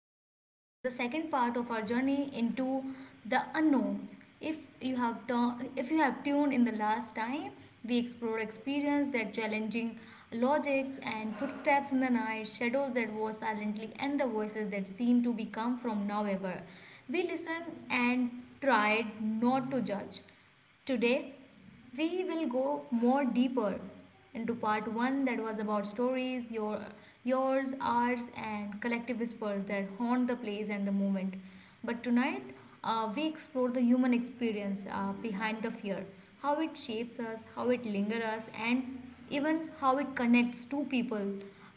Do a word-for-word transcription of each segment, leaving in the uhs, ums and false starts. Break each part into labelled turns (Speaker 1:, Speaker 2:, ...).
Speaker 1: listeners, to the second part of our journey into the unknowns. If you have tu- if you have tuned in the last time, we explored experience that challenging logics and footsteps in the night, shadows that wore silently, and the voices that seemed to be come from nowhere. We listened and tried not to judge. Today, we will go more deeper into part one that was about stories your yours ours and collective whispers that haunt the place and the moment, but tonight uh, we explore the human experience uh, behind the fear, how it shapes us, how it lingers us, and even how it connects two people,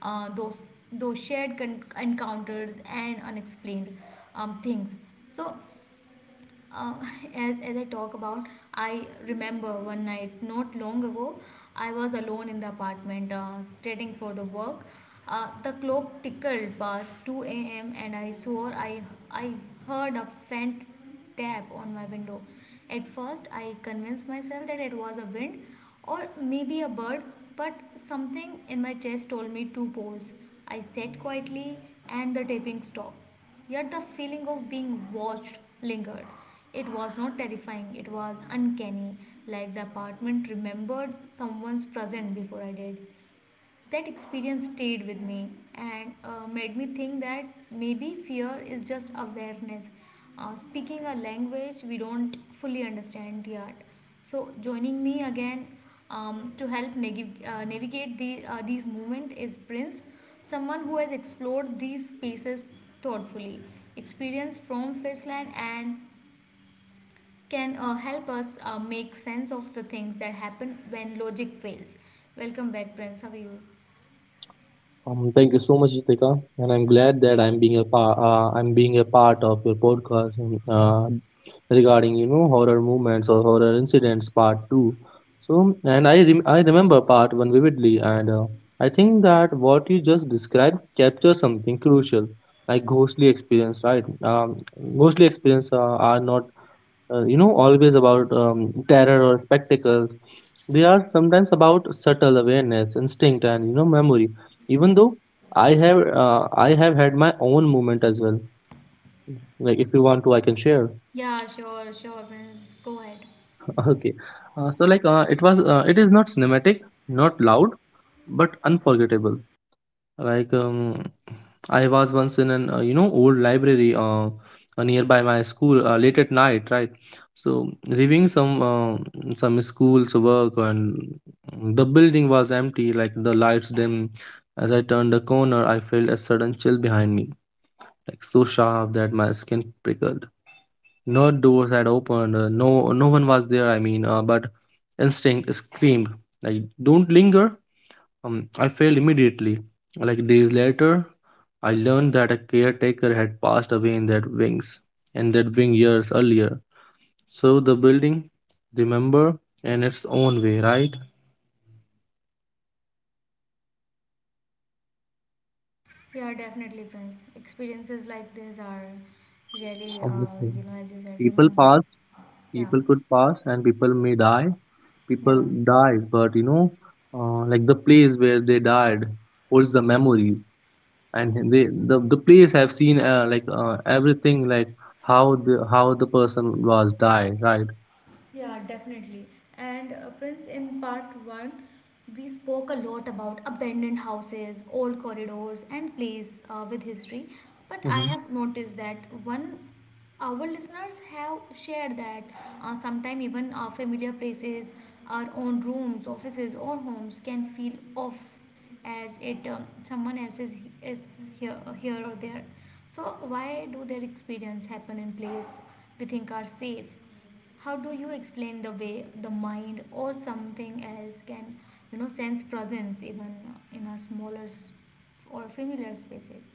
Speaker 1: uh, those those shared con- encounters and unexplained um, things. So uh, as, as I talk about, I remember one night not long ago, I was alone in the apartment uh, studying for the work. Uh, the clock tickled past two a m and I swore I, I heard a faint tap on my window. At first, I convinced myself that it was a wind or maybe a bird, but something in my chest told me to pause. I sat quietly and the tapping stopped. Yet the feeling of being watched lingered. It was not terrifying, it was uncanny, like the apartment remembered someone's presence before I did. That experience stayed with me and uh, made me think that maybe fear is just awareness, uh, speaking a language we don't fully understand yet. So, joining me again, um, to help neg- uh, navigate the, uh, these moments is Prince, someone who has explored these spaces thoughtfully, experience from Fishland, and can uh, help us uh, make sense of the things that happen when logic fails. Welcome back, Prince. How are you?
Speaker 2: Um, thank you so much, Ritika, and I'm glad that I'm being a part. Uh, I'm being a part of your podcast um, uh, regarding you know horror movements or horror incidents part two. So, and I rem- I remember part one vividly, and uh, I think that what you just described captures something crucial, like ghostly experience, right? Um, ghostly experience uh, are not uh, you know, always about um, terror or spectacles. They are sometimes about subtle awareness, instinct, and you know, memory. Even though I have, uh, I have had my own moment as well. Like, if you want to, I can share.
Speaker 1: Yeah, sure, sure, Prince. Go ahead.
Speaker 2: Okay, uh, so like, uh, it was, uh, it is not cinematic, not loud, but unforgettable. Like um, I was once in an uh, you know old library uh, uh, nearby my school uh, late at night, right? So reviewing some uh, some school's work, and the building was empty, like the lights dim. As I turned the corner, I felt a sudden chill behind me, like so sharp that my skin prickled. No doors had opened, uh, no no one was there. I mean, uh, but instinct screamed like, "Don't linger!" Um, I failed immediately. Like days later, I learned that a caretaker had passed away in that wings, and that wing years earlier. So the building, remember, in its own way, right?
Speaker 1: Yeah, definitely, Prince. Experiences like this are really, uh,
Speaker 2: Okay.
Speaker 1: you know, as you said,
Speaker 2: People
Speaker 1: remembered.
Speaker 2: pass,
Speaker 1: Yeah,
Speaker 2: people could pass, and people may die.
Speaker 1: yeah.
Speaker 2: People die, but you know, uh, like the place where they died holds the memories, and they the, the place have seen uh, like uh, everything, like how the how the person was died, right?
Speaker 1: Yeah, definitely. And uh, Prince, in part one, we spoke a lot about abandoned houses, old corridors, and plays uh, with history. But I
Speaker 2: Mm-hmm.
Speaker 1: have noticed that one, our listeners have shared that uh, sometimes even our familiar places, our own rooms, offices, or homes can feel off as it, um, someone else is, is here, uh, here or there. So why do their experience happen in place we think are safe? How do you explain the way the mind or something else can, you know, sense presence even in a smaller s- or familiar spaces?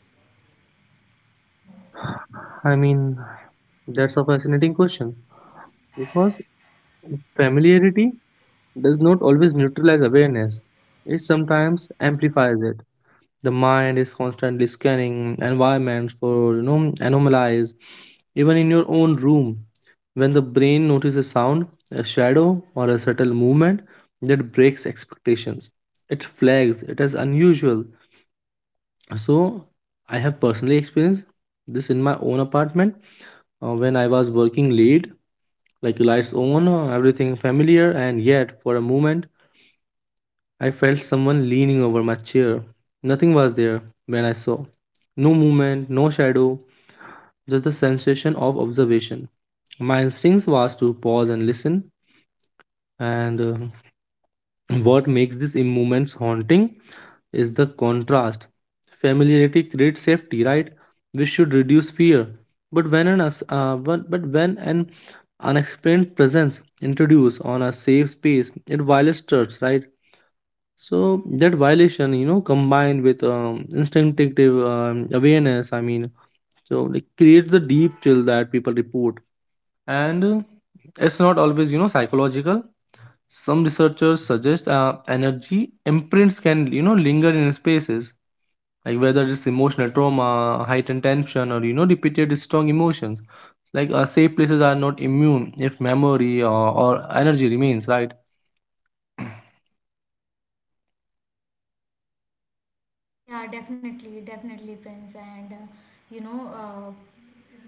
Speaker 2: I mean, that's a fascinating question because familiarity does not always neutralize awareness, it sometimes amplifies it. The mind is constantly scanning environments for you know anomalies, even in your own room. When the brain notices sound, a shadow, or a subtle movement that breaks expectations, it flags it as unusual. So, I have personally experienced this in my own apartment uh, when I was working lead, like lights on, uh, everything familiar, and yet for a moment I felt someone leaning over my chair. Nothing was there when I saw. No movement, no shadow, just the sensation of observation. My instincts was to pause and listen. And uh, what makes these moments haunting is the contrast. Familiarity creates safety, right? We should reduce fear. But when an us- uh, when- but when an unexplained presence introduced on a safe space, it violates trust, right? So that violation, you know, combined with um, instinctive um, awareness, I mean, so it creates the deep chill that people report, and uh, it's not always you know psychological. Some researchers suggest uh, energy imprints can you know linger in spaces like whether it's emotional trauma, heightened tension, or you know, repeated strong emotions. Like uh, safe places are not immune if memory or, or energy remains, right?
Speaker 1: Yeah definitely definitely prince and uh, you know uh,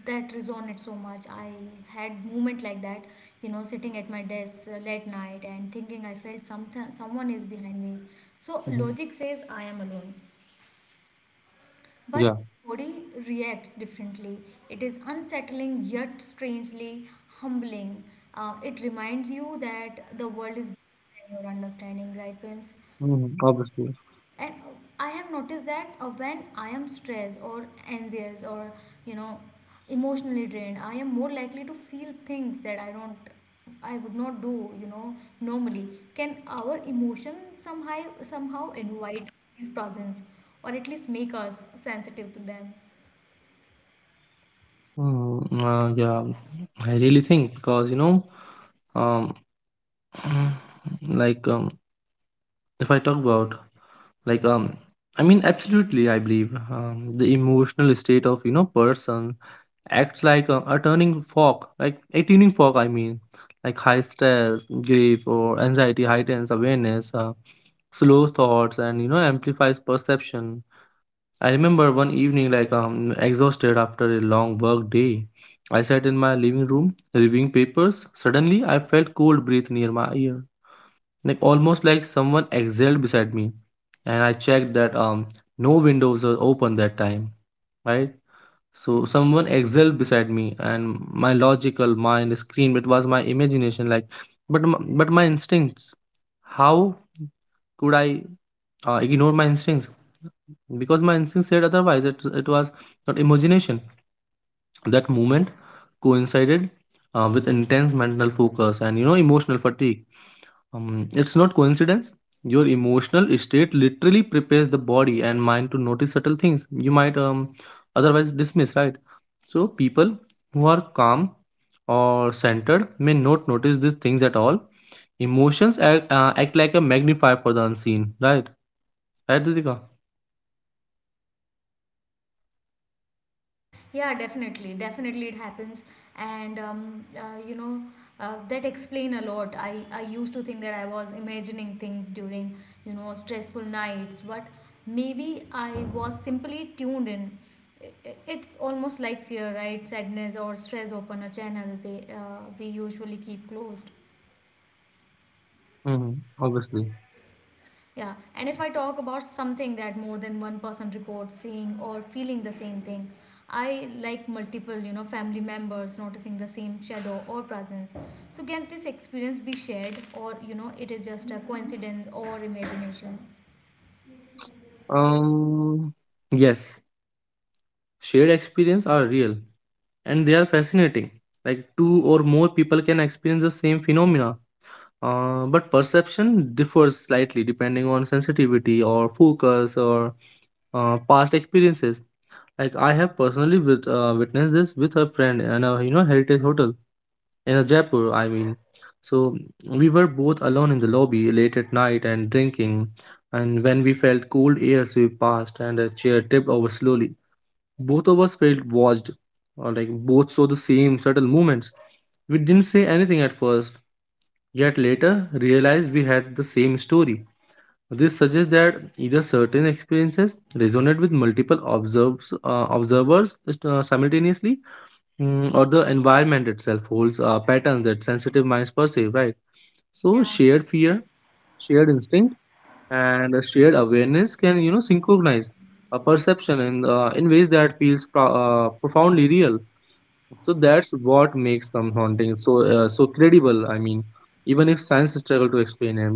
Speaker 1: that resonated so much. I had moment like that, you know, sitting at my desk uh, late night and thinking I felt some someone is behind me, so
Speaker 2: Mhm.
Speaker 1: logic says I am alone. But
Speaker 2: Yeah,
Speaker 1: body reacts differently. It is unsettling yet strangely humbling. Uh, it reminds you that the world is bigger than your understanding, right, Prince?
Speaker 2: mm, obviously.
Speaker 1: And I have noticed that uh, when I am stressed or anxious or, you know, emotionally drained, I am more likely to feel things that I don't, I would not do, you know, normally. Can our emotion somehow somehow invite his presence, or at least make us sensitive to them?
Speaker 2: Mm, uh, yeah, I really think because you know, um, like. Um, if I talk about like um I mean absolutely I believe um, the emotional state of you know person acts like a, a turning fog like a tuning fog I mean like high stress grief or anxiety heightens awareness uh, slow thoughts and you know amplifies perception. I remember one evening like um exhausted after a long work day, I sat in my living room reviewing papers. Suddenly I felt cold breath near my ear, like almost like someone exhaled beside me, and I checked that um no windows were open that time, right? So someone exhaled beside me, and my logical mind screamed it was my imagination like but m- but my instincts, how could I uh, ignore my instincts, because my instincts said otherwise it, it was not imagination. That moment coincided uh, with intense mental focus and you know emotional fatigue. um, it's not coincidence. Your emotional state literally prepares the body and mind to notice subtle things you might um, otherwise dismiss, right? So, people who are calm or centered may not notice these things at all. Emotions act, uh, act like a magnifier for the unseen, right? Right, Didika?
Speaker 1: Yeah, definitely, definitely it happens, and um, uh, you know, uh, that explain a lot. I I used to think that I was imagining things during, you know, stressful nights, but maybe I was simply tuned in. I- i- It's almost like fear, right? Sadness or stress open a channel we uh, we usually keep closed.
Speaker 2: Mm-hmm. Obviously.
Speaker 1: Yeah, and if I talk about something that more than one person reports seeing or feeling the same thing, I like multiple, you know, family members noticing the same shadow or presence. So can this experience be shared, or, you know, it is just a coincidence or imagination?
Speaker 2: Um, yes, shared experience are real and they are fascinating. Like two or more people can experience the same phenomena. Uh, but perception differs slightly depending on sensitivity or focus or uh, past experiences. Like I have personally wit- uh, witnessed this with a friend in a you know heritage hotel in a Jaipur. I mean, so we were both alone in the lobby late at night and drinking, and when we felt cold air sweep past and a chair tipped over slowly, both of us felt watched, or like both saw the same subtle movements. We didn't say anything at first yet later realized we had the same story. This suggests that either certain experiences resonate with multiple observes, uh, observers uh, simultaneously, mm, or the environment itself holds uh, patterns that sensitive minds perceive, right? So
Speaker 1: Yeah,
Speaker 2: shared
Speaker 1: true.
Speaker 2: fear, shared instinct, and a shared awareness can you know synchronize a perception in uh, in ways that feels pro- uh, profoundly real. So that's what makes them haunting so uh, so credible. I mean, even if science struggle to explain it.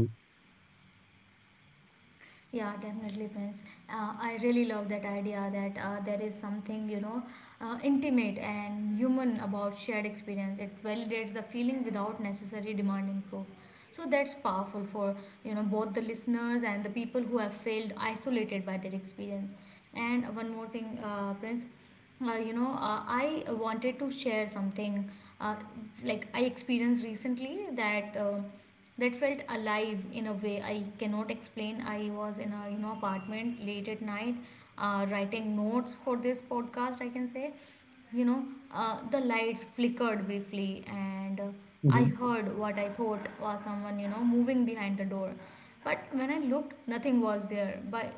Speaker 1: Yeah, definitely, Prince. Uh, I really love that idea that uh, there is something, you know, uh, intimate and human about shared experience. It validates the feeling without necessary demanding proof. So that's powerful for, you know, both the listeners and the people who have failed isolated by their experience. And one more thing, uh, Prince, uh, you know uh, i wanted to share something, uh, like I experienced recently that uh, that felt alive in a way I cannot explain. I was in a, you know, apartment late at night, uh, writing notes for this podcast, I can say, you know, uh, the lights flickered briefly, and uh, I
Speaker 2: Mhm,
Speaker 1: heard what I thought was someone, you know, moving behind the door. But when I looked, nothing was there. But,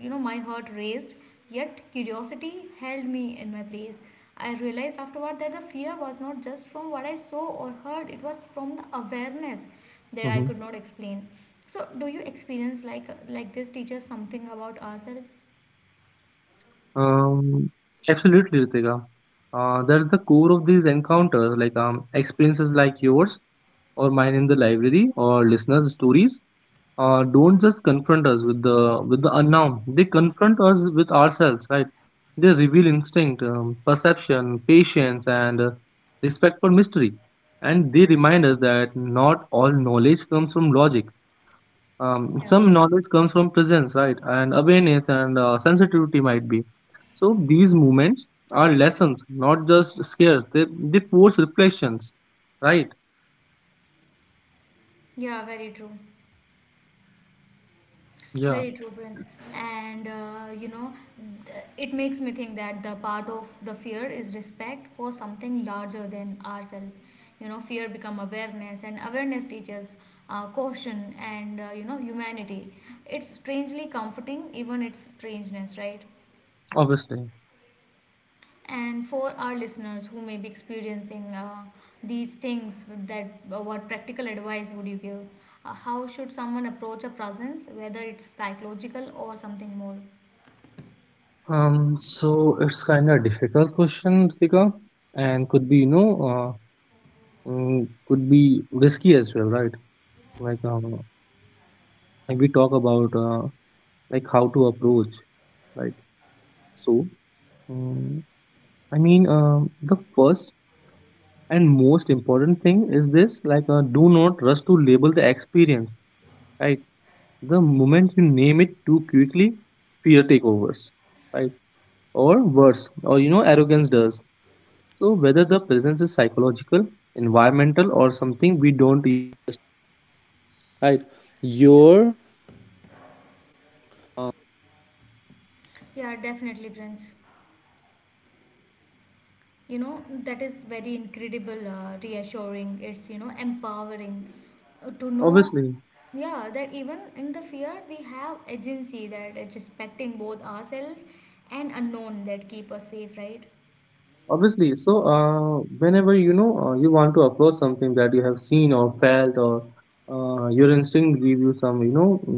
Speaker 1: you know, my heart raced, yet curiosity held me in my place. I realized afterward that the fear was not just from what I saw or heard, it was from the awareness that I
Speaker 2: mhm.
Speaker 1: could not explain. So, do you experience like like this teaches something about ourselves?
Speaker 2: Um, absolutely, Ritika. Uh, that's the core of these encounters, like um, experiences like yours or mine in the library or listeners' stories. Uh, don't just confront us with the with the unknown. They confront us with ourselves, right? They reveal instinct, um, perception, patience, and uh, respect for mystery. And they remind us that not all knowledge comes from logic. Um,
Speaker 1: Yeah.
Speaker 2: some knowledge comes from presence, right? And awareness and uh, sensitivity might be so these movements are lessons, not just scares. They, they force reflections, right?
Speaker 1: Yeah, very true.
Speaker 2: Yeah,
Speaker 1: Very true, Prince. And uh, you know, th- it makes me think that the part of the fear is respect for something larger than ourselves. You know, fear become awareness, and awareness teaches uh, caution and, uh, you know, humanity. It's strangely comforting, even its strangeness, right?
Speaker 2: obviously.
Speaker 1: And for our listeners who may be experiencing uh, these things, that uh, what practical advice would you give? Uh, how should someone approach a presence, whether it's psychological or something more?
Speaker 2: Um so it's kind of difficult question, Ritika, and could be you know uh, mm, could be risky as well, right? Like um, like we talk about uh, like how to approach, right? So um, i mean um the first and most important thing is this, like uh, do not rush to label the experience, right? The moment you name it too quickly, fear takeovers, right? Or worse, or you know, arrogance does. So whether the presence is psychological, environmental, or
Speaker 1: Yeah, definitely, Prince. You know, that is very incredible, uh, reassuring. It's, you know, empowering uh, to
Speaker 2: obviously,
Speaker 1: know, yeah, that even in the fear, we have agency that is respecting both ourselves and unknown that keep us safe, right?
Speaker 2: obviously. So, uh, whenever you know uh, you want to approach something that you have seen or felt, or uh, your instinct give you some, you know, mm, some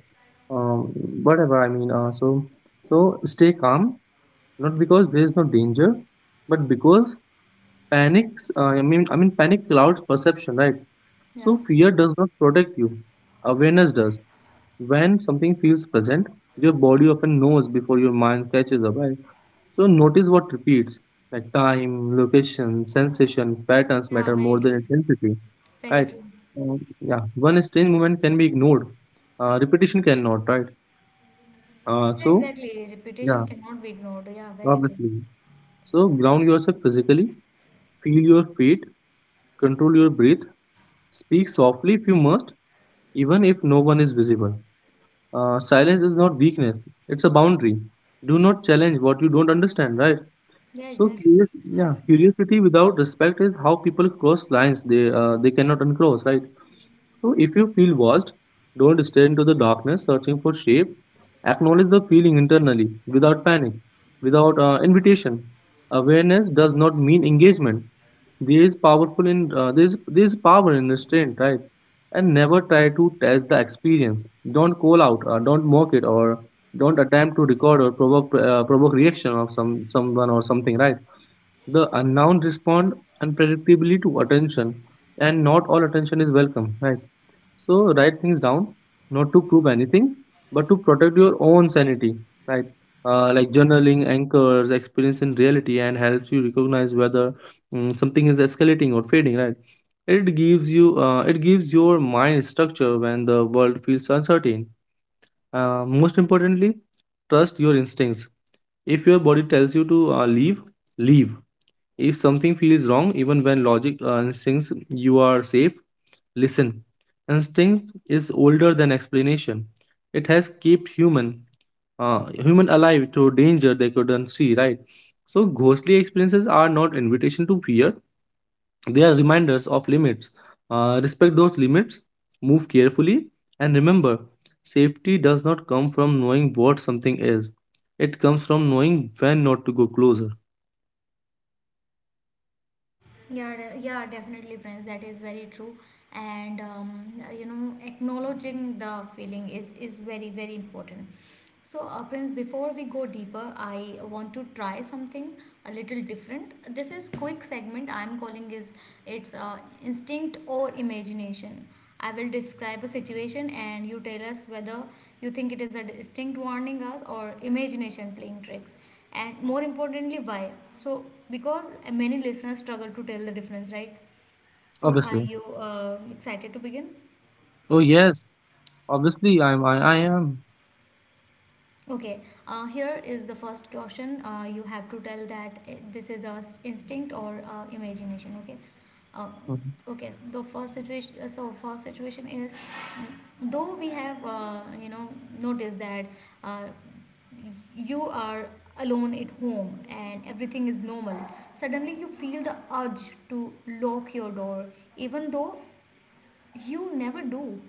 Speaker 2: um, whatever. I mean, uh, so so stay calm. Not because there is no danger, but because panics. Uh, I mean, I mean, panic clouds perception, right? So
Speaker 1: Yeah.
Speaker 2: fear does not protect you. Awareness does. When something feels present, your body often knows before your mind catches up, right? So notice what repeats, like time, location, sensation, patterns matter
Speaker 1: Yeah,
Speaker 2: more than
Speaker 1: very true.
Speaker 2: intensity. Right?
Speaker 1: Very true.
Speaker 2: Uh, yeah, one strange movement can be ignored. Uh, repetition cannot, right? Uh,
Speaker 1: Yeah,
Speaker 2: so
Speaker 1: exactly.
Speaker 2: yeah,
Speaker 1: Reputation cannot be ignored. Yeah, very true.
Speaker 2: obviously. So ground yourself physically, feel your feet, control your breath, speak softly if you must, even if no one is visible. Uh, silence is not weakness; it's a boundary. Do not challenge what you don't understand, right?
Speaker 1: Yeah,
Speaker 2: So
Speaker 1: exactly.
Speaker 2: curious, yeah, curiosity without respect is how people cross lines they uh, they cannot uncross, right? So if you feel watched, don't stare into the darkness searching for shape. Acknowledge the feeling internally without panic, without uh, invitation. Awareness does not mean engagement. There is powerful in uh, there is there is power in restraint, right? And never try to test the experience. Don't call out, uh, don't mock it, or don't attempt to record or provoke uh, provoke reaction of some someone or something, right? The unknown respond unpredictably to attention, and not all attention is welcome, right? So write things down, not to prove anything, but to protect your own sanity, right? Uh, like journaling anchors experience in reality and helps you recognize whether mm, something is escalating or fading, right? It gives you, uh, it gives your mind structure when the world feels uncertain. Uh, most importantly, trust your instincts. If your body tells you to uh, leave, leave. If something feels wrong, even when logic uh, instincts you are safe, listen. Instinct is older than explanation. It has kept human, uh, human alive through danger they couldn't see. Right. So ghostly experiences are not invitation to fear. They are reminders of limits. Uh, respect those limits. Move carefully, and remember, safety does not come from knowing what something is. It comes from knowing when not to go closer.
Speaker 1: Yeah, de- yeah, definitely, Prince. That is very true. And um, you know, acknowledging the feeling is is very very important. So, uh, Prince, before we go deeper, I want to try something a little different. This is quick segment. I'm calling is it's uh, instinct or imagination. I will describe a situation and you tell us whether you think it is a distinct warning us or imagination playing tricks, and more importantly why. So because many listeners struggle to tell the difference, right? So are
Speaker 2: Obviously.
Speaker 1: you uh, excited to begin?
Speaker 2: Oh yes. Obviously, I'm, I, I am.
Speaker 1: Okay, uh, here is the first question. Uh, you have to tell that uh, this is a s- instinct or uh, imagination. Okay, uh,
Speaker 2: Mhm.
Speaker 1: okay. The first situation. uh, So first situation is, mm, though we have, uh, you know, noticed that uh, you are alone at home and everything is normal. Suddenly you feel the urge to lock your door, even though you never do.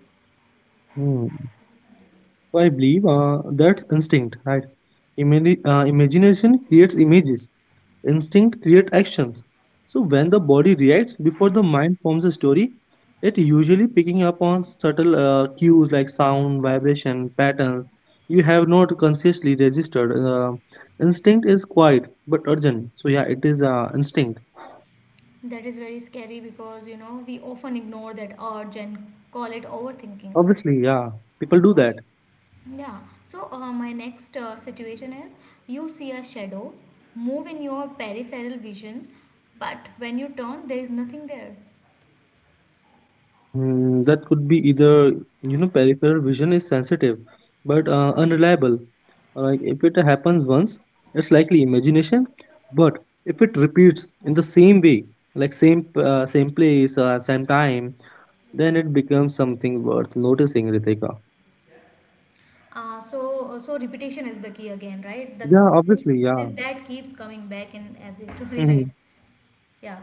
Speaker 2: So I believe uh, that's instinct, right? Imagine, uh, imagination creates images, instinct creates actions. So when the body reacts before the mind forms a story, it usually picking up on subtle uh, cues like sound, vibration, patterns you have not consciously registered. Uh, instinct is quiet but urgent. So yeah, it is uh, instinct.
Speaker 1: That is very scary, because you know we often ignore that urge and call it overthinking.
Speaker 2: Obviously, yeah, people do that.
Speaker 1: Okay. Yeah. So uh, my next uh, situation is, you see a shadow move in your peripheral vision, but when you turn, there is nothing there.
Speaker 2: Um, that could be either, you know, peripheral vision is sensitive but uh, unreliable. Like if it happens once, it's likely imagination. But if it repeats in the same way, like same p- uh, same place, uh, same time, then it becomes something worth noticing, Ritika.
Speaker 1: Uh, so uh, so repetition is the key again, right? That
Speaker 2: Yeah,
Speaker 1: this,
Speaker 2: obviously. Yeah.
Speaker 1: this that keeps coming back in every story, right?
Speaker 2: Hmm.
Speaker 1: Yeah.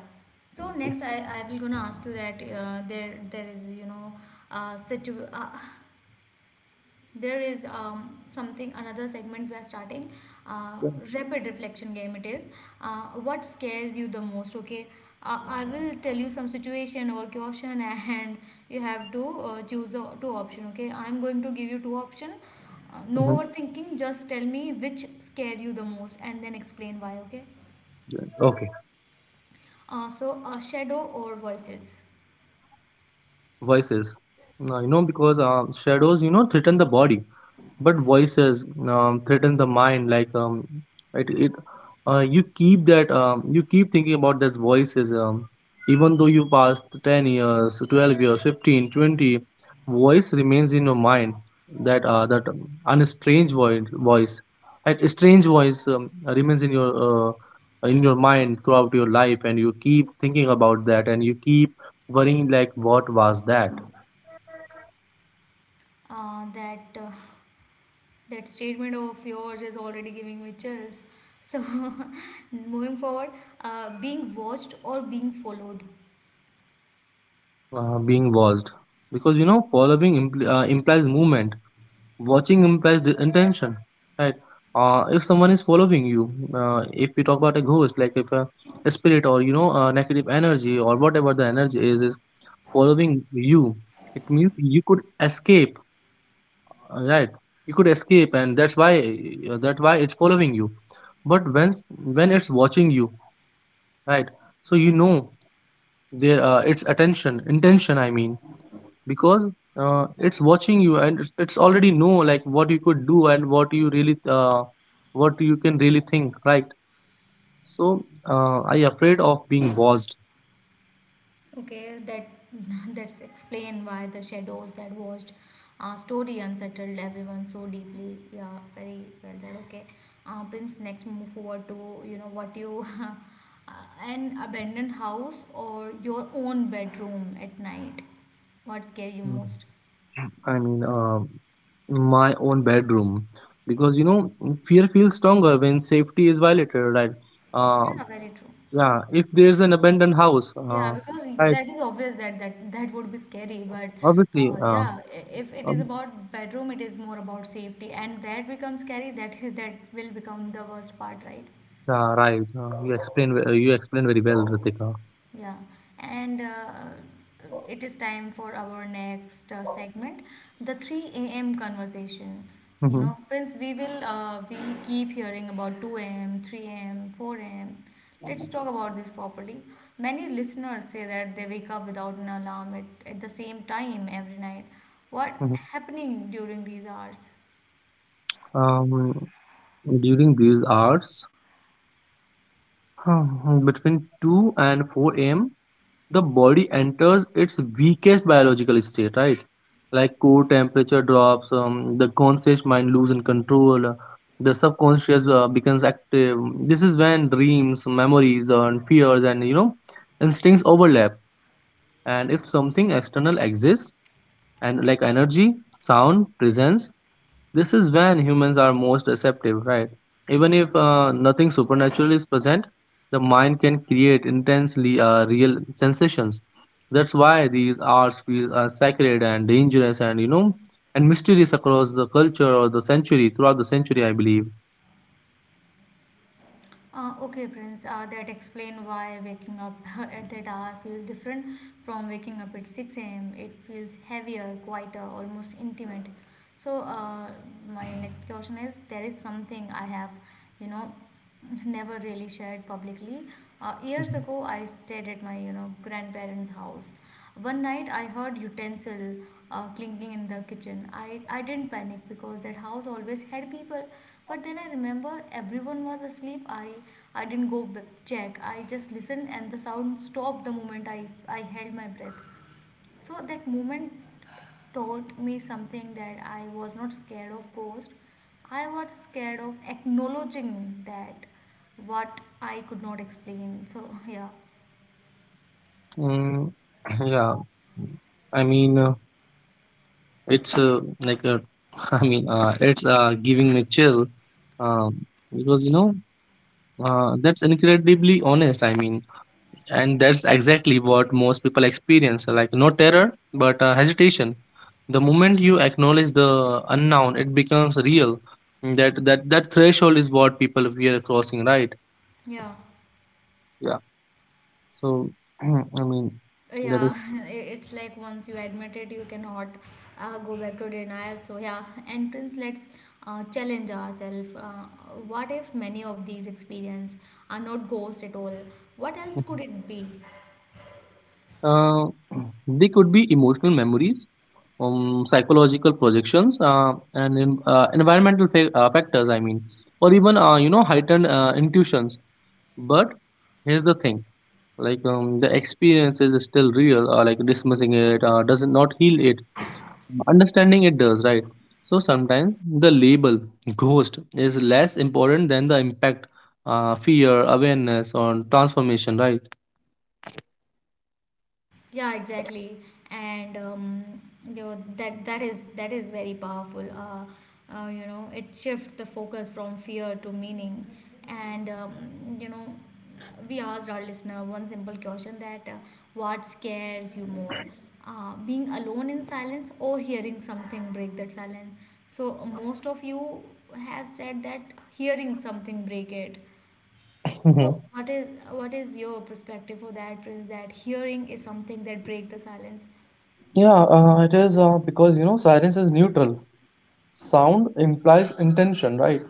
Speaker 1: So
Speaker 2: Obviously.
Speaker 1: next, I, I will gonna ask you that uh, there there is, you know, uh, situ uh, there is, um, something, another segment we are starting, uh,
Speaker 2: Yeah.
Speaker 1: rapid reflection game it is, uh, what scares you the most. Okay, uh, I will tell you some situation or caution and you have to uh, choose the two option. Okay, I'm going to give you two option, uh, no
Speaker 2: Hmm.
Speaker 1: overthinking, just tell me which scare you the most and then explain why, okay?
Speaker 2: Okay.
Speaker 1: Uh, so uh, shadow or voices?
Speaker 2: Voices, uh, you know, because uh, shadows, you know, threaten the body, but voices um, threaten the mind. Like um, it, it uh, you keep that, um, you keep thinking about that voices. Um, even though you passed ten years, twelve years, fifteen, twenty, voice remains in your mind. That uh, that um, unstrange voice voice that strange voice um, remains in your uh, in your mind throughout your life, and you keep thinking about that, and you keep worrying like what was that.
Speaker 1: uh, that uh, That statement of yours is already giving me chills. So, moving forward, uh, being watched or being followed?
Speaker 2: Uh, being watched, because you know, following impl- uh, implies movement, watching implies the intention, right? Uh, if someone is following you, uh, if we talk about a ghost, like if a, a spirit, or you know, uh, negative energy, or whatever the energy is is following you, it means you could escape, uh, right? You could escape, and that's why uh, that's why it's following you. But when when it's watching you, right? So you know, their uh, its attention intention I mean, because uh, it's watching you, and it's, it's already know like what you could do and what you really uh, what you can really think, right? So uh, I afraid of being watched.
Speaker 1: Okay, that that's explain why the shadows that watched uh, story unsettled everyone so deeply. Yeah, very well said. Okay, uh, Prince. Next, move forward to, you know, what you. Uh, an abandoned house or your own bedroom at night, what scare you
Speaker 2: Mm.
Speaker 1: most?
Speaker 2: I mean, uh, my own bedroom, because you know, fear feels stronger when safety is violated, right? uh,
Speaker 1: Yeah, very true.
Speaker 2: yeah, if there's an abandoned house.
Speaker 1: Yeah,
Speaker 2: Uh,
Speaker 1: because
Speaker 2: right.
Speaker 1: that is obvious that that that would be scary, but
Speaker 2: Obviously.
Speaker 1: uh,
Speaker 2: uh,
Speaker 1: yeah, i- if it is
Speaker 2: um,
Speaker 1: about bedroom, it is more about safety, and that becomes scary. That that will become the worst part, right?
Speaker 2: Yeah, right. Uh, you explain ve- uh, you explain very well, Ritika.
Speaker 1: Yeah, and uh, it is time for our next uh, segment, the three a m conversation. You know,
Speaker 2: Hmm.
Speaker 1: Prince, we will uh, we keep hearing about two a m, three a m, four a m. Let's talk about this properly. Many listeners say that they wake up without an alarm at, at the same time every night. What
Speaker 2: Hmm.
Speaker 1: happening during these hours?
Speaker 2: Um, During these hours, between two and four a m, the body enters its weakest biological state, right? Like core temperature drops, um, the conscious mind loses control, uh, the subconscious uh, becomes active. This is when dreams, memories, uh, and fears, and you know, instincts overlap. And if something external exists, and like energy, sound, presence. This is when humans are most receptive, right? Even if uh, nothing supernatural is present, the mind can create intensely uh, real sensations. That's why these arts feel uh, sacred and dangerous and, you know, and mysterious across the culture or the century, throughout the century, I believe.
Speaker 1: Uh, okay, Prince, uh, that explain why waking up at that hour feels different from waking up at six a m. It feels heavier, quieter, almost intimate. So, uh, my next question is, there is something I have, you know, never really shared publicly. Uh, years
Speaker 2: Mhm.
Speaker 1: ago, I stayed at my, you know, grandparents' house. One night, I heard utensil uh, clinking in the kitchen. I, I didn't panic because that house always had people, but then I remember everyone was asleep. I I didn't go b- check. I just listened, and the sound stopped the moment I I held my breath. So that moment taught me something, that I was not scared of ghosts. I was scared of acknowledging that what I could not explain. So yeah,
Speaker 2: Mm, yeah, I mean, uh, it's uh, like, uh, I mean, uh, it's uh, giving me chill, um, because, you know, uh, that's incredibly honest. I mean, and that's exactly what most people experience, like no terror but uh, hesitation. The moment you acknowledge the unknown, it becomes real. Mm, that that that threshold is what people we are crossing, right?
Speaker 1: yeah.
Speaker 2: Yeah. So I mean, that is.
Speaker 1: Yeah, i- it's like once you admit it, you cannot uh, go back to denial. So, yeah, entrance, let's uh, challenge ourselves. Uh, what if many of these experiences are not ghosts at all? What else
Speaker 2: Mm-hmm.
Speaker 1: could it be?
Speaker 2: uh, they could be emotional memories, um, psychological projections, uh, and in, uh, environmental fa- uh, factors, I mean, or even uh, you know, heightened uh, intuitions. But here's the thing, like um, the experience is still real, or like dismissing it uh, does not heal it, understanding it does, right? So sometimes the label ghost is less important than the impact, uh, fear awareness on transformation, right?
Speaker 1: Yeah, exactly. And um, you know, that that is that is very powerful. Uh, uh, you know, it shifts the focus from fear to meaning. And um, you know, we asked our listener one simple question, that uh, what scares you more, uh, being alone in silence or hearing something break that silence? So uh, most of you have said that hearing something break it.
Speaker 2: Hmm.
Speaker 1: So what is what is your perspective for that, Prince? That hearing is something that break the silence.
Speaker 2: Yeah, uh, it is uh, because you know, silence is neutral. Sound implies intention, right?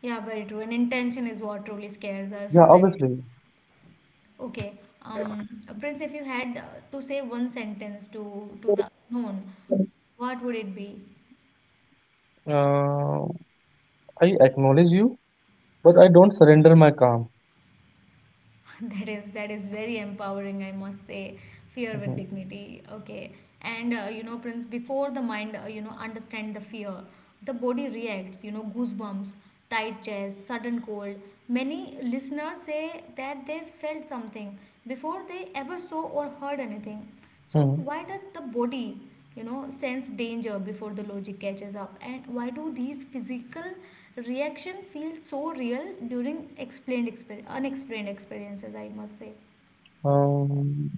Speaker 1: Yeah, very true. And intention is what truly scares us.
Speaker 2: Yeah,
Speaker 1: Very true.
Speaker 2: obviously.
Speaker 1: Okay, um, Prince, if you had uh, to say one sentence to to the unknown, what would it be?
Speaker 2: Uh, I acknowledge you, but I don't surrender my calm.
Speaker 1: that is that is very empowering, I must say. Fear with
Speaker 2: Mhm.
Speaker 1: dignity, okay. And uh, you know, Prince, before the mind uh, you know, understand the fear, the body reacts, you know, goosebumps, tight chest, sudden cold. Many listeners say that they felt something before they ever saw or heard anything. So
Speaker 2: Mhm.
Speaker 1: why does the body, you know, sense danger before the logic catches up? And why do these physical reactions feel so real during explained exper- unexplained experiences, I must say.
Speaker 2: Um,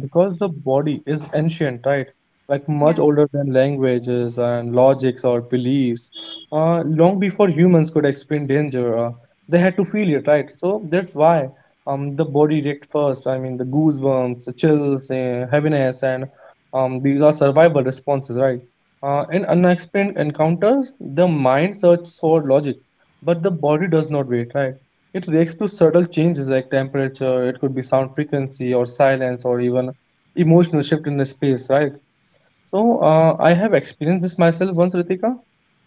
Speaker 2: because the body is ancient, right? Like much
Speaker 1: Yeah,
Speaker 2: older than languages and logics or beliefs. Uh, long before humans could explain danger, uh, they had to feel it, right? So that's why um the body react first. I mean, the goosebumps, the chills, uh, heaviness, and um these are survival responses, right? Uh, in unexplained encounters, the mind searches for logic, but the body does not wait, right? It reacts to subtle changes like temperature, it could be sound frequency or silence or even emotional shift in the space, right? So uh, I have experienced this myself once, Ritika.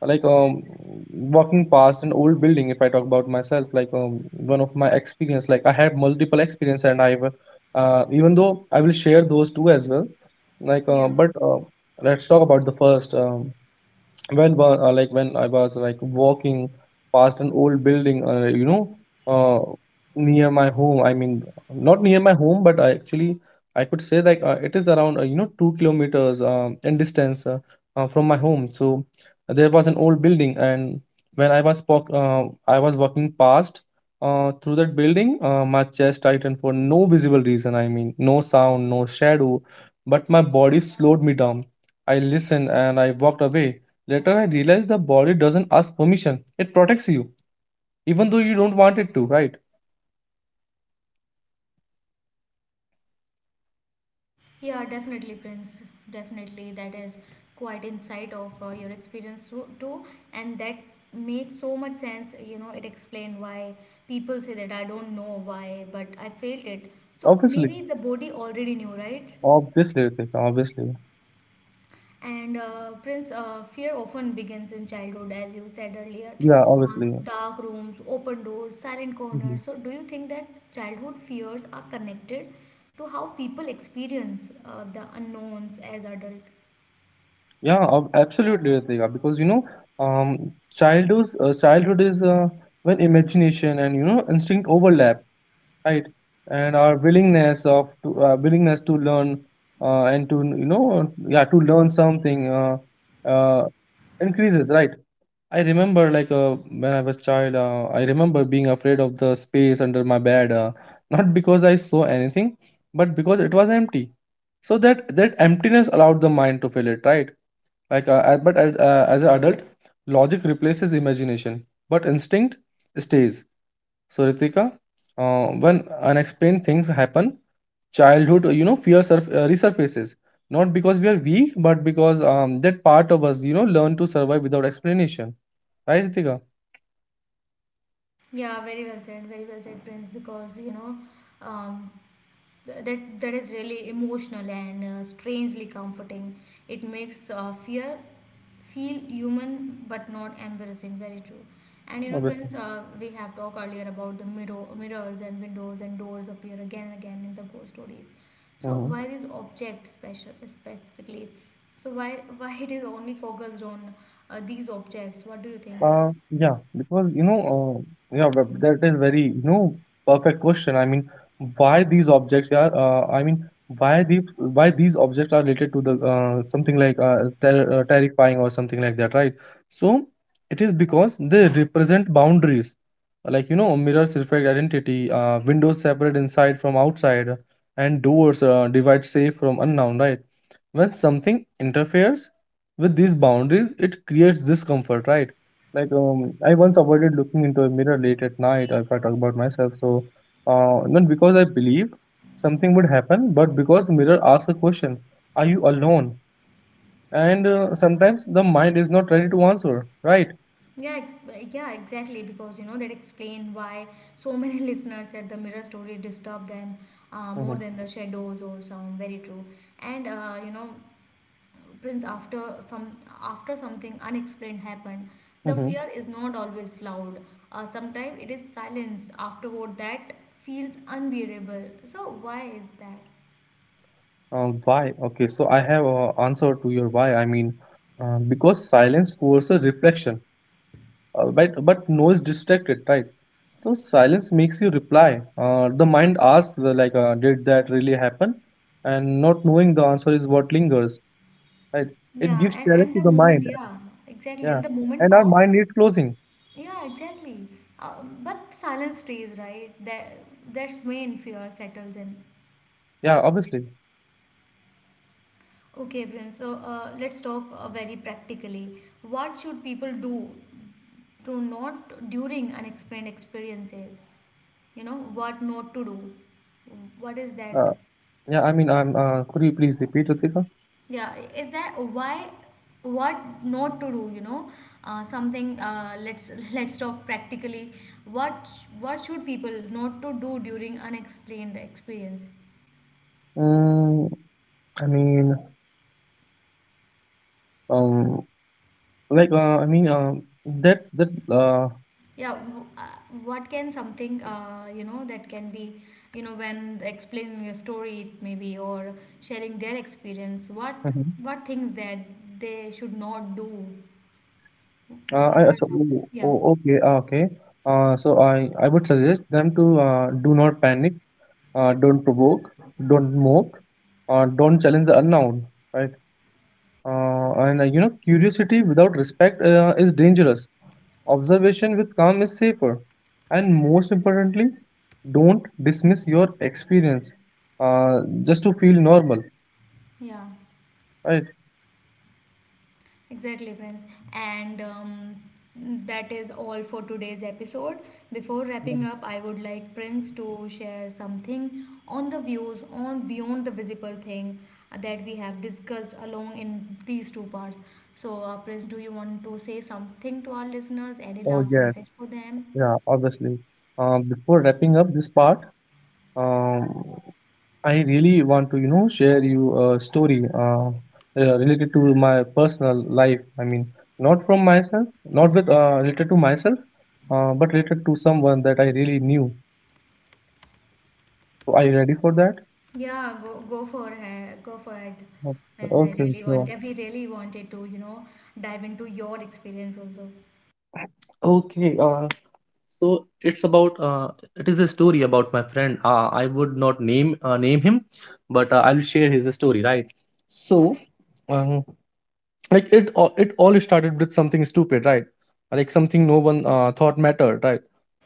Speaker 2: Like um, Walking past an old building, if I talk about myself, like um, one of my experience, like I had multiple experience, and I've uh, even though I will share those two as well, like uh,
Speaker 1: yeah,
Speaker 2: but uh, let's talk about the first. Um, when wa- uh, like when I was like walking past an old building, uh, you know, uh, near my home. I mean, not near my home, but I actually I could say like uh, it is around uh, you know, two kilometers um, in distance uh, uh, from my home. So there was an old building, and when I was walk, uh, I was walking past. Uh, through that building, uh, my chest tightened for no visible reason. I mean, no sound, no shadow, but my body slowed me down. I listened and I walked away. Later, I realized the body doesn't ask permission. It protects you, even though you don't want it to, right?
Speaker 1: yeah, definitely, Prince. Definitely, that is quite insight of uh, your experience so, too, and that makes so much sense. You know, it explains why people say that I don't know why, but I felt it. So
Speaker 2: Obviously.
Speaker 1: maybe the body already knew, right?
Speaker 2: Obviously, Ritika, obviously.
Speaker 1: And uh, Prince, uh, fear often begins in childhood, as you said earlier.
Speaker 2: Yeah,
Speaker 1: Uh,
Speaker 2: obviously.
Speaker 1: dark rooms, open doors, silent
Speaker 2: Mhm.
Speaker 1: corners. So, do you think that childhood fears are connected to how people experience uh, the unknowns as adult?
Speaker 2: Yeah, ob- absolutely, Ritika. Because, you know, um, childhood, uh, childhood is uh, when imagination and, you know, instinct overlap, right? And our willingness of to, uh, willingness to learn uh, and to, you know, yeah, to learn something uh, uh, increases, right? I remember, like, uh, when I was child, uh, I remember being afraid of the space under my bed, uh, not because I saw anything, but because it was empty. So that that emptiness allowed the mind to fill it, right? Like, uh, uh, but as uh, as an adult, logic replaces imagination, but instinct stays. So, Ritika, uh, when unexplained things happen, childhood, you know, fear surf- uh, resurfaces. Not because we are weak, but because um, that part of us, you know, learn to survive without explanation, right, Ritika?
Speaker 1: Yeah, very well said. Very well said, Prince. Because you know, um, th- that that is really emotional and uh, strangely comforting. It makes uh, fear feel human but not embarrassing. Very true. And you know,
Speaker 2: Obviously.
Speaker 1: Prince, uh, we have talked earlier about the mirror mirrors and windows and doors appear again and again in the ghost stories. So
Speaker 2: Hmm.
Speaker 1: why this object special, specifically? So why why it is only focused on uh, these objects? What do you think?
Speaker 2: Uh, yeah, because you know, uh, yeah, but that is very, you know, perfect question. I mean, why these objects are, uh, I mean, why these why these objects are related to the uh, something like uh, ter uh, terrifying or something like that, right? So it is because they represent boundaries, like you know, mirrors reflect identity, uh, windows separate inside from outside, and doors uh, divide safe from unknown, right? When something interferes with these boundaries, it creates discomfort, right? Like um, I once avoided looking into a mirror late at night if I talk about myself. So, uh, not because I believe something would happen, but because the mirror asks a question: Are you alone? And uh, sometimes the mind is not ready to answer. Right?
Speaker 1: yeah ex- yeah, exactly, because you know, that explain why so many listeners said the mirror story disturb them uh, more
Speaker 2: Mm-hmm.
Speaker 1: than the shadows or sound. Very true. And uh, you know, Prince, after some after something unexplained happened, the
Speaker 2: Mm-hmm.
Speaker 1: fear is not always loud. Uh, sometimes it is silence afterward that feels unbearable. So why is that?
Speaker 2: Um, why? Okay, so I have an answer to your why. I mean, uh, because silence forces reflection. Uh, but but noise distracted, right? So silence makes you reply. Uh, the mind asks uh, like, uh, did that really happen? And not knowing the answer is what lingers, right? It
Speaker 1: Yeah,
Speaker 2: gives
Speaker 1: and,
Speaker 2: challenge
Speaker 1: and
Speaker 2: to
Speaker 1: the
Speaker 2: the
Speaker 1: moment,
Speaker 2: mind.
Speaker 1: yeah, exactly.
Speaker 2: Yeah,
Speaker 1: And the moment
Speaker 2: and our
Speaker 1: pass,
Speaker 2: mind needs closing.
Speaker 1: yeah, exactly. Um, but silence stays, right? That that's main fear settles in.
Speaker 2: Yeah, obviously.
Speaker 1: Okay, Prince. So uh, let's talk uh, very practically. What should people do to not during unexplained experiences? You know, what not to do? What is that?
Speaker 2: Uh, yeah, I mean, I'm. Uh, could you please repeat, Ritika?
Speaker 1: Yeah, is that why? What not to do, you know, uh, something, uh, let's let's talk practically. What sh- what should people not to do during unexplained experience?
Speaker 2: Mm, I mean, um, like, uh, I mean, um, that that uh.
Speaker 1: yeah w- uh, what can something, uh, you know, that can be, you know, when explaining a story, it maybe, or sharing their experience, what what things that they should not do?
Speaker 2: Uh, I,
Speaker 1: What are
Speaker 2: so,
Speaker 1: some?
Speaker 2: oh,
Speaker 1: Yeah.
Speaker 2: oh, okay, uh, okay. Uh, so I, I would suggest them to uh, do not panic, uh, don't provoke, don't mock, uh, don't challenge the unknown, right? Uh, and uh, you know, curiosity without respect uh, is dangerous. Observation with calm is safer. And most importantly, don't dismiss your experience uh, just to feel normal,
Speaker 1: Yeah.
Speaker 2: right?
Speaker 1: Exactly, friends. And um, that is all for today's episode. Before
Speaker 2: Yeah.
Speaker 1: wrapping up, I would like Prince to share something on the views on beyond the visible thing that we have discussed along in these two parts. So, uh, Prince, do you want to say something to our listeners? Any
Speaker 2: Oh,
Speaker 1: last
Speaker 2: yes,
Speaker 1: message for them?
Speaker 2: yeah, obviously. Um, before wrapping up this part, um, I really want to, you know, share you a story uh, uh, related to my personal life. I mean, not from myself, not with uh, related to myself, uh, but related to someone that I really knew. So, are you ready for that?
Speaker 1: Yeah, go go for it. Go for it,
Speaker 2: Okay,
Speaker 1: Prince. I
Speaker 2: okay,
Speaker 1: really want.
Speaker 2: sure.
Speaker 1: We really wanted to, you know, dive into your experience also.
Speaker 2: Okay, uh, so it's about uh, it is a story about my friend. Uh, I would not name uh, name him, but uh, I'll share his story, right? So, like it all it all started with something stupid, right? Like something no one uh, thought mattered, right?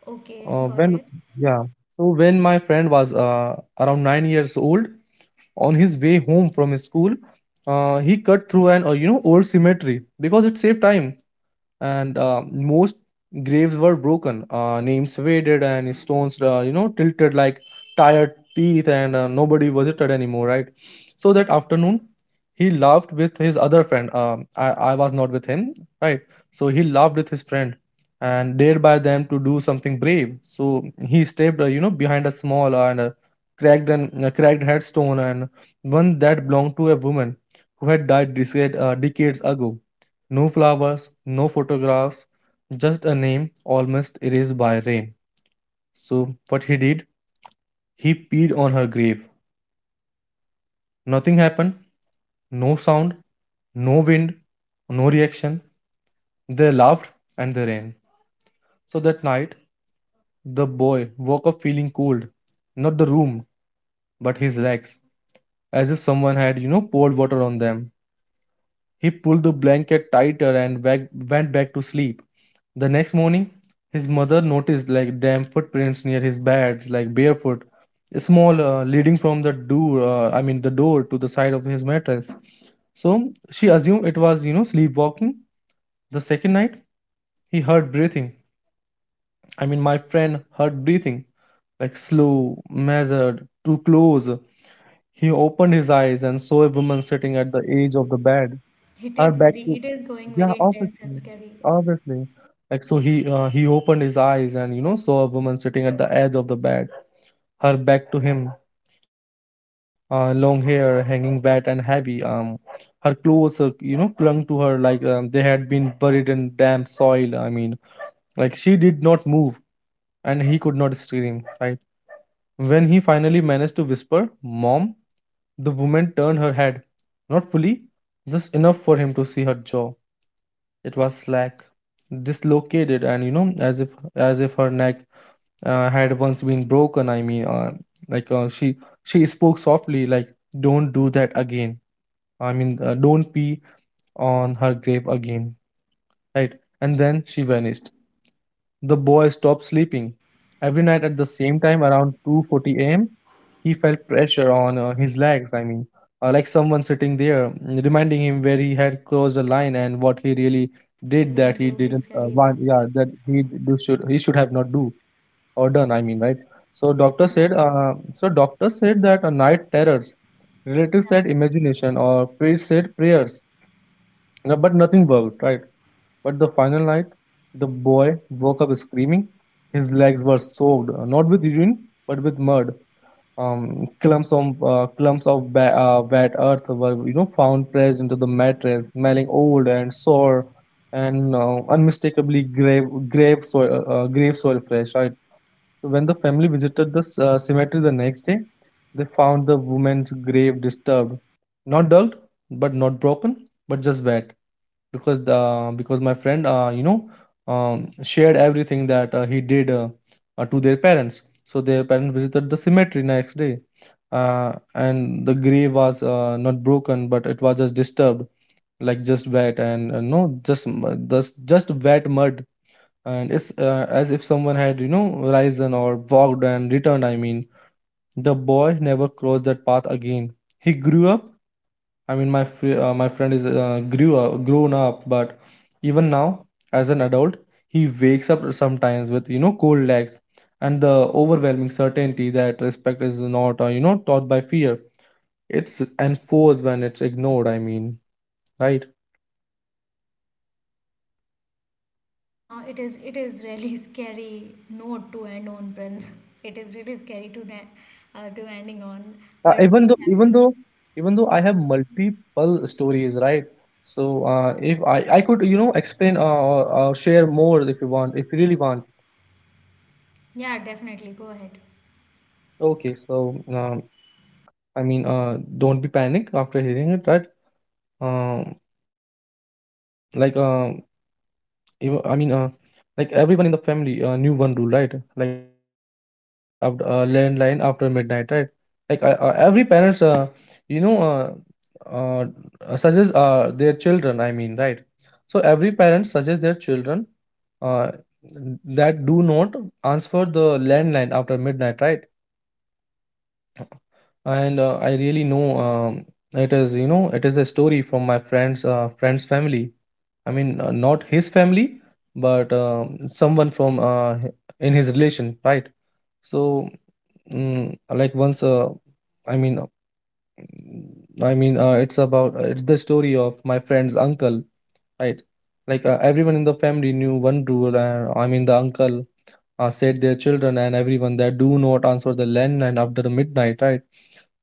Speaker 1: Okay,
Speaker 2: uh,
Speaker 1: got
Speaker 2: when
Speaker 1: it.
Speaker 2: yeah so when my friend was uh, around nine years old, on his way home from his school, uh, he cut through an uh, you know, old cemetery because it saved time. And uh, most graves were broken, uh, names faded, and stones, uh, you know, tilted like tired teeth, and uh, nobody visited anymore, right? So that afternoon, he laughed with his other friend. Um, I, I was not with him, right? So he laughed with his friend and dared by them to do something brave. So he stepped, uh, you know, behind a small uh, and a cracked and uh, cracked headstone and one that belonged to a woman who had died decade, uh, decades ago. No flowers, no photographs, just a name almost erased by rain. So what he did, he peed on her grave. Nothing happened. No sound, no wind, no reaction. They laughed and they ran. So that night, the boy woke up feeling cold. Not the room, but his legs, as if someone had, you know, poured water on them. He pulled the blanket tighter and wag- went back to sleep. The next morning, his mother noticed like damp footprints near his bed, like barefoot, small, uh, leading from the door. Uh, I mean, the door to the side of his mattress. So she assumed it was, you know, sleepwalking. The second night, he heard breathing. I mean, my friend heard breathing, like slow, measured, too close. He opened his eyes and saw a woman sitting at the edge of the bed,
Speaker 1: It
Speaker 2: are
Speaker 1: is
Speaker 2: back
Speaker 1: very,
Speaker 2: to,
Speaker 1: it is going
Speaker 2: yeah,
Speaker 1: very intense and
Speaker 2: obviously,
Speaker 1: scary.
Speaker 2: obviously. Like, so he uh, he opened his eyes and, you know saw a woman sitting at the edge of the bed, her back to him, uh, long hair hanging wet and heavy um Her clothes uh, you know clung to her like, um, they had been buried in damp soil. I mean, like, she did not move and he could not scream, right? When he finally managed to whisper, "Mom," the woman turned her head, not fully, just enough for him to see her jaw. It was slack, dislocated, and, you know, as if, as if her neck uh, had once been broken. I mean, uh, like uh, she she spoke softly, like, "Don't do that again." I mean, uh, don't pee on her grave again, right? And then she vanished. The boy stopped sleeping. Every night at the same time, around two forty a m, he felt pressure on uh, his legs, I mean, uh, like someone sitting there, mm, reminding him where he
Speaker 1: It is go,
Speaker 2: had
Speaker 1: that
Speaker 2: crossed
Speaker 1: is
Speaker 2: the
Speaker 1: going
Speaker 2: line
Speaker 1: to
Speaker 2: and
Speaker 1: be
Speaker 2: what he
Speaker 1: scary
Speaker 2: really
Speaker 1: events.
Speaker 2: did, that he didn't uh, want, yeah, that he do should, he should have not do, or right? So
Speaker 1: Yeah,
Speaker 2: doctor said uh, so doctors said that a night terrors, relatives
Speaker 1: yeah.
Speaker 2: said imagination, or priests said prayers, uh, but nothing worked, right? But the final night, the boy woke up screaming. His legs were soaked, uh, not with urine, but with mud. Um, clumps of uh, clumps of ba- uh, wet earth were, you know, found pressed into the mattress, smelling old and sore, and uh, unmistakably grave grave soil uh, uh, grave soil fresh. Right. So when the family visited the c- uh, cemetery the next day, they found the woman's grave disturbed, not dug, but not broken, but just wet. Because the uh, because my friend uh, you know um, shared everything that uh, he did uh, uh, to their parents, so their parents visited the cemetery next day, uh, and the grave was, uh, not broken, but it was just disturbed, like just wet. And uh, no just m- just just wet mud, and it's, uh, as if someone had, you know, risen or walked and returned. I mean, the boy never crossed that path again. He grew up. I mean, my fr- uh, my friend is, uh, grew up, grown up. But even now, as an adult, he wakes up sometimes with, you know, cold legs, and the overwhelming certainty that respect is not, uh, you know, taught by fear. It's enforced when it's ignored. I mean, right?
Speaker 1: Uh, it is, it is really scary note to end on, Prince. It is really scary to na- uh, to ending on,
Speaker 2: Uh,
Speaker 1: but we
Speaker 2: even though,
Speaker 1: have
Speaker 2: even
Speaker 1: to.
Speaker 2: though, Even though I
Speaker 1: Yeah,
Speaker 2: have multiple stories, right? So uh, if I I could, you know, explain, uh, or, or share more if you want, if you really want.
Speaker 1: yeah, definitely. Go ahead.
Speaker 2: Okay, so, um, I mean, uh, don't be panic after hearing it, right? Um, like, um, even, I mean, uh, like, everyone in the family uh, knew one rule, right? Like, uh, never answer the landline after uh, landline after midnight, right? Like, uh, uh, every parents, uh, you know, uh, uh, uh, suggest uh, their children. I mean, right? So every parent suggests their children uh, that do not answer the landline after midnight, right? And uh, I really know, um, it is, you know, it is a story from my friend's uh, friend's family. I mean, uh, not his family, but, um, someone from, uh, h- in his relation, right? So, mm, like once uh, I mean uh, mm, I mean uh, it's about, uh, it's the story of my friend's uncle, right? Like, uh, everyone in the family knew one rule, and I mean the uncle uh, said their children and everyone that do not answer the landline after midnight, right?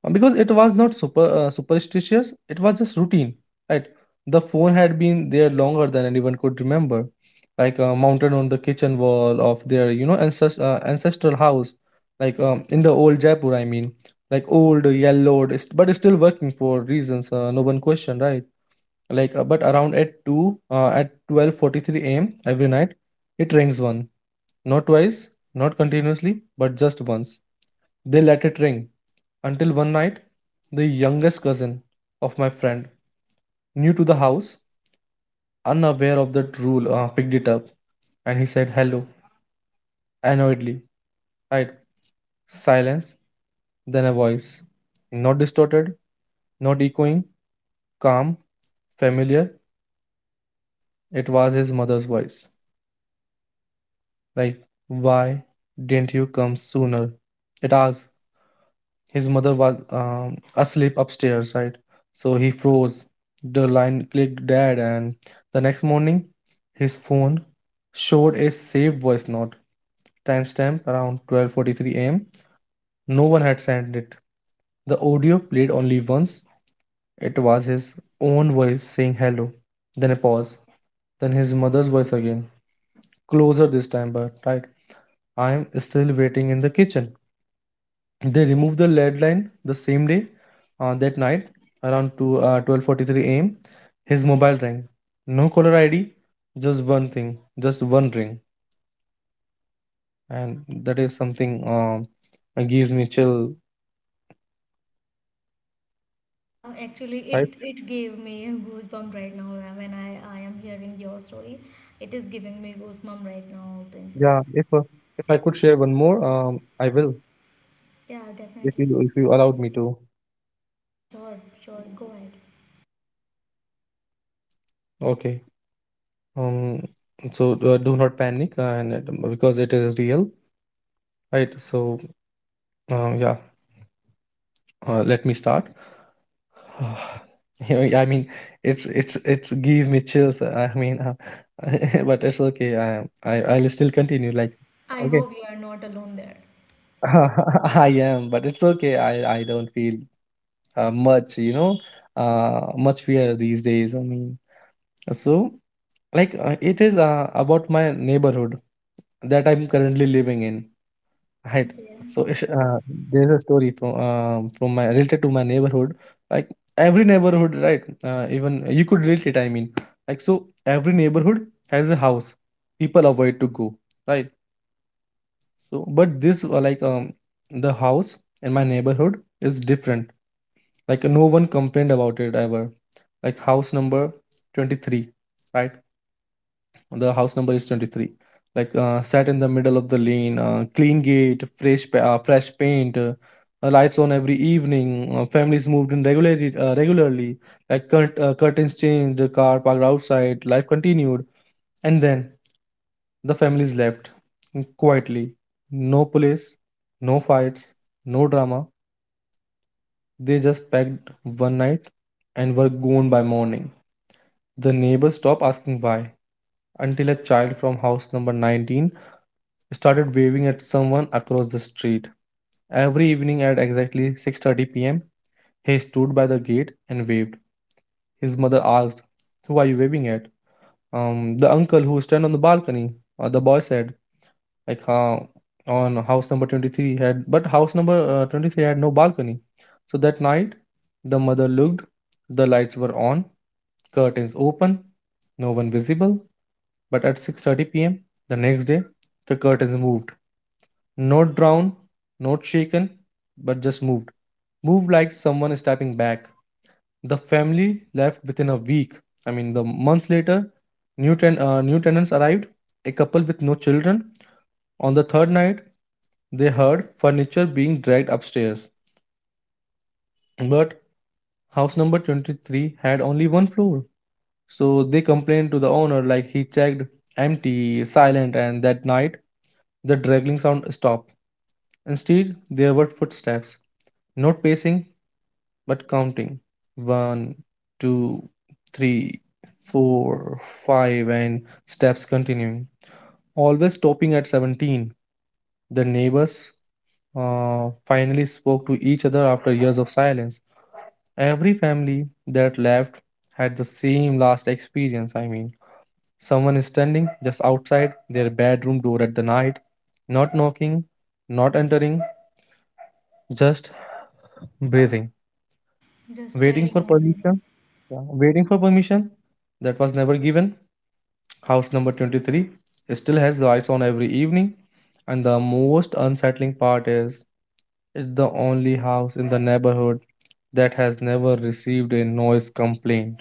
Speaker 2: Uh, Because it was not super uh, superstitious, it was just routine, right? The phone had been there longer than anyone could remember, like, uh, mounted on the kitchen wall of their, you know, ancest- uh, ancestral house, like, um, in the old Jaipur, I mean, like old, yellowed, st- but it's still working for reasons, uh, no one questioned, right? Like, uh, but around at two uh, at twelve forty-three a m every night, it rings one, not twice, not continuously, but just once. They let it ring until one night, the youngest cousin of my friend, new to the house, unaware of that rule, uh, picked it up and he said, "Hello," annoyedly, right? Silence. Then a voice, not distorted, not echoing, calm, familiar. It was his mother's voice. Like, "Why didn't you come sooner?" it asked. His mother was, um, asleep upstairs, right? So he froze. The line clicked dead, and the next morning, his phone showed a saved voice note, timestamp around twelve forty-three a m No one had sent it. The audio played only once. It was his own voice saying, "Hello." Then a pause, then his mother's voice again, closer this time, but right, "I am still waiting in the kitchen." They removed the lead line the same day. Uh, that night, around two, uh, twelve forty-three a m, his mobile rang. No caller I D, just one thing, just one ring. And that is something, um, that gives me chill,
Speaker 1: Uh, actually,
Speaker 2: right?
Speaker 1: it it gave me a goosebump right now uh, when I I am hearing your story. It is giving me goosebump right now, Prince.
Speaker 2: Yeah, if uh, if I could share one more, um, I will,
Speaker 1: Yeah,
Speaker 2: if
Speaker 1: definitely.
Speaker 2: you, if you allowed me to.
Speaker 1: Yeah, sure, sure. Go ahead.
Speaker 2: Okay. Um, so uh, do not panic, uh, and it- because it is real, right? So, uh, yeah, uh, let me start. Oh, you know, I mean, it's it's it's give me chills. Uh, I mean, uh, but it's okay. I I I'll still continue. Like,
Speaker 1: I
Speaker 2: okay,
Speaker 1: hope you are not alone there.
Speaker 2: I am, but it's okay. I I don't feel, uh, much, you know, uh, much fear these days. I mean, so, like, uh, it is, uh, about my neighborhood that I'm currently living in. Right.
Speaker 1: Okay,
Speaker 2: So it's,
Speaker 1: okay.
Speaker 2: uh, there's a story from um, from my, related to my neighborhood. Like every neighborhood, right? Uh, even you could relate it. I mean, like, so every neighborhood has a house people avoid to go, right? So, but this uh, like um the house in my neighborhood is different. Like, no one complained about it ever. Like, house number twenty-three, right? The house number is twenty-three, like, uh, sat in the middle of the lane, uh, clean gate, fresh pa- uh, fresh paint, uh, uh, lights on every evening, uh, families moved in regularly uh, regularly. Like, curt- uh, curtains changed, the car parked outside, life continued. And then the families left, mm, quietly. No police, no fights, no drama. They just packed one night and were gone by morning. The neighbors stopped asking why, until a child from house number nineteen started waving at someone across the street. Every evening at exactly six thirty p m, he stood by the gate and waved. His mother asked, "Who are you waving at?" "Um, the uncle who stand on the balcony," Uh, the boy said, "like, uh, on house number twenty-three had," but house number uh, twenty-three had no balcony. So that night, the mother looked. The lights were on, curtains open, no one visible. But at six thirty p m the next day, the curtains moved. Not drowned, not shaken, but just moved. Moved like someone is stepping back. The family left within a week. I mean, the months later, new, ten- uh, new tenants arrived, a couple with no children. On the third night, they heard furniture being dragged upstairs. But house number twenty-three had only one floor. So they complained to the owner. Like, he checked, empty, silent, and that night the dragging sound stopped. Instead, there were footsteps. Not pacing, but counting: one, two, three, four, five, and steps continuing. Always stopping at seventeen. The neighbors uh, finally spoke to each other after years of silence. Every family that left had the same last experience. I mean, someone is standing just outside their bedroom door at the night, not knocking, not entering, just breathing,
Speaker 1: Just
Speaker 2: waiting for
Speaker 1: staring and
Speaker 2: permission.
Speaker 1: breathing.
Speaker 2: Yeah, waiting for permission that was never given. House number twenty-three still has lights on every evening, and the most unsettling part is, it's the only house in the neighborhood that has never received a noise complaint,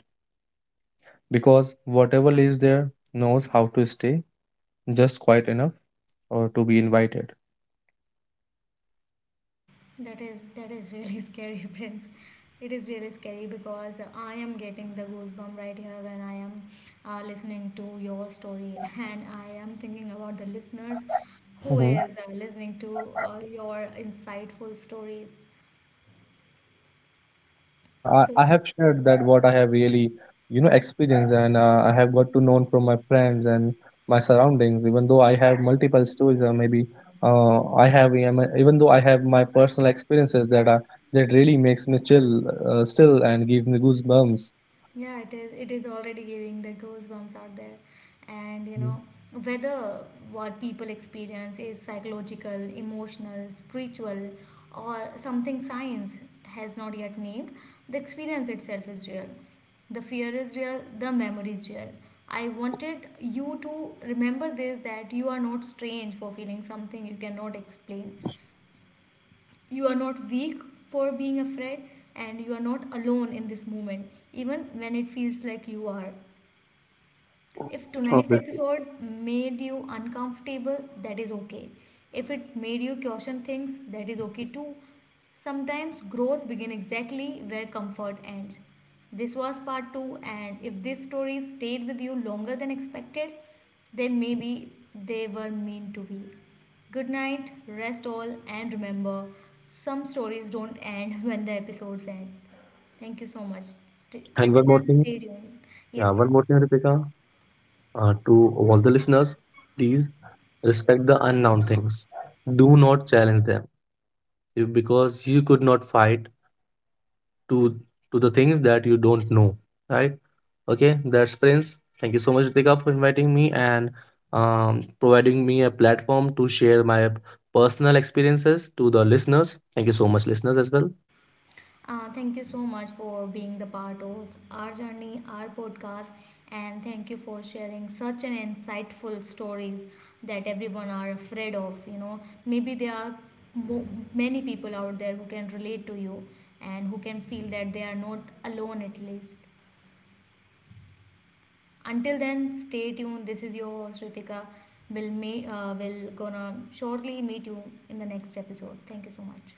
Speaker 2: because whatever lives there knows how to stay just quiet enough or to be invited.
Speaker 1: That is that is really scary, Prince. It is really scary because I am getting the goosebump right here when I am uh, listening to your story, and I am thinking about the listeners who is uh, listening to uh, your insightful stories.
Speaker 2: So, yeah, I,
Speaker 1: So
Speaker 2: I have shared that what I have really, you know, experienced, and uh, I have got to know from my friends and my surroundings. Even though I have multiple stories, or maybe uh, I have em- even though I have my personal experiences that are, that really makes me chill, uh, still, and give me goosebumps.
Speaker 1: yeah, it is. It is already giving the goosebumps out there, and you
Speaker 2: Mm-hmm.
Speaker 1: know, whether what people experience is psychological, emotional, spiritual, or something science has not yet named. The experience itself is real. The fear is real. The memory is real. I wanted you to remember this, that you are not strange for feeling something you cannot explain, you are not weak for being afraid, and you are not alone in this moment, even when it feels like you are. If tonight's
Speaker 2: Obvious.
Speaker 1: episode made you uncomfortable, that is okay. If it made you question things, that is okay too. Sometimes growth begins exactly where comfort ends. This was part two, and if this story stayed with you longer than expected, then maybe they were meant to be. Good night, rest all, and remember, some stories don't end when the episodes end. Thank you so much. St-
Speaker 2: And one
Speaker 1: until
Speaker 2: more
Speaker 1: then,
Speaker 2: thing,
Speaker 1: stay tuned.
Speaker 2: yeah,
Speaker 1: Yes,
Speaker 2: one
Speaker 1: Prince.
Speaker 2: more thing, Ripika, uh, to all the listeners, please respect the unknown things. Do not challenge them, you- because you could not fight to to the things that you don't know, right? Okay, that's Prince. Thank you so much, Ritika, for inviting me and, um, providing me a platform to share my personal experiences to the listeners. Thank you so much, listeners, as well.
Speaker 1: Uh, thank you so much for being the part of our journey, our podcast, and thank you for sharing such an insightful stories that everyone are afraid of. You know, maybe there are mo- many people out there who can relate to you and who can feel that they are not alone at least. Until then, stay tuned. This is your host Ritika. We'll, may, uh, we'll gonna shortly meet you in the next episode. Thank you so much.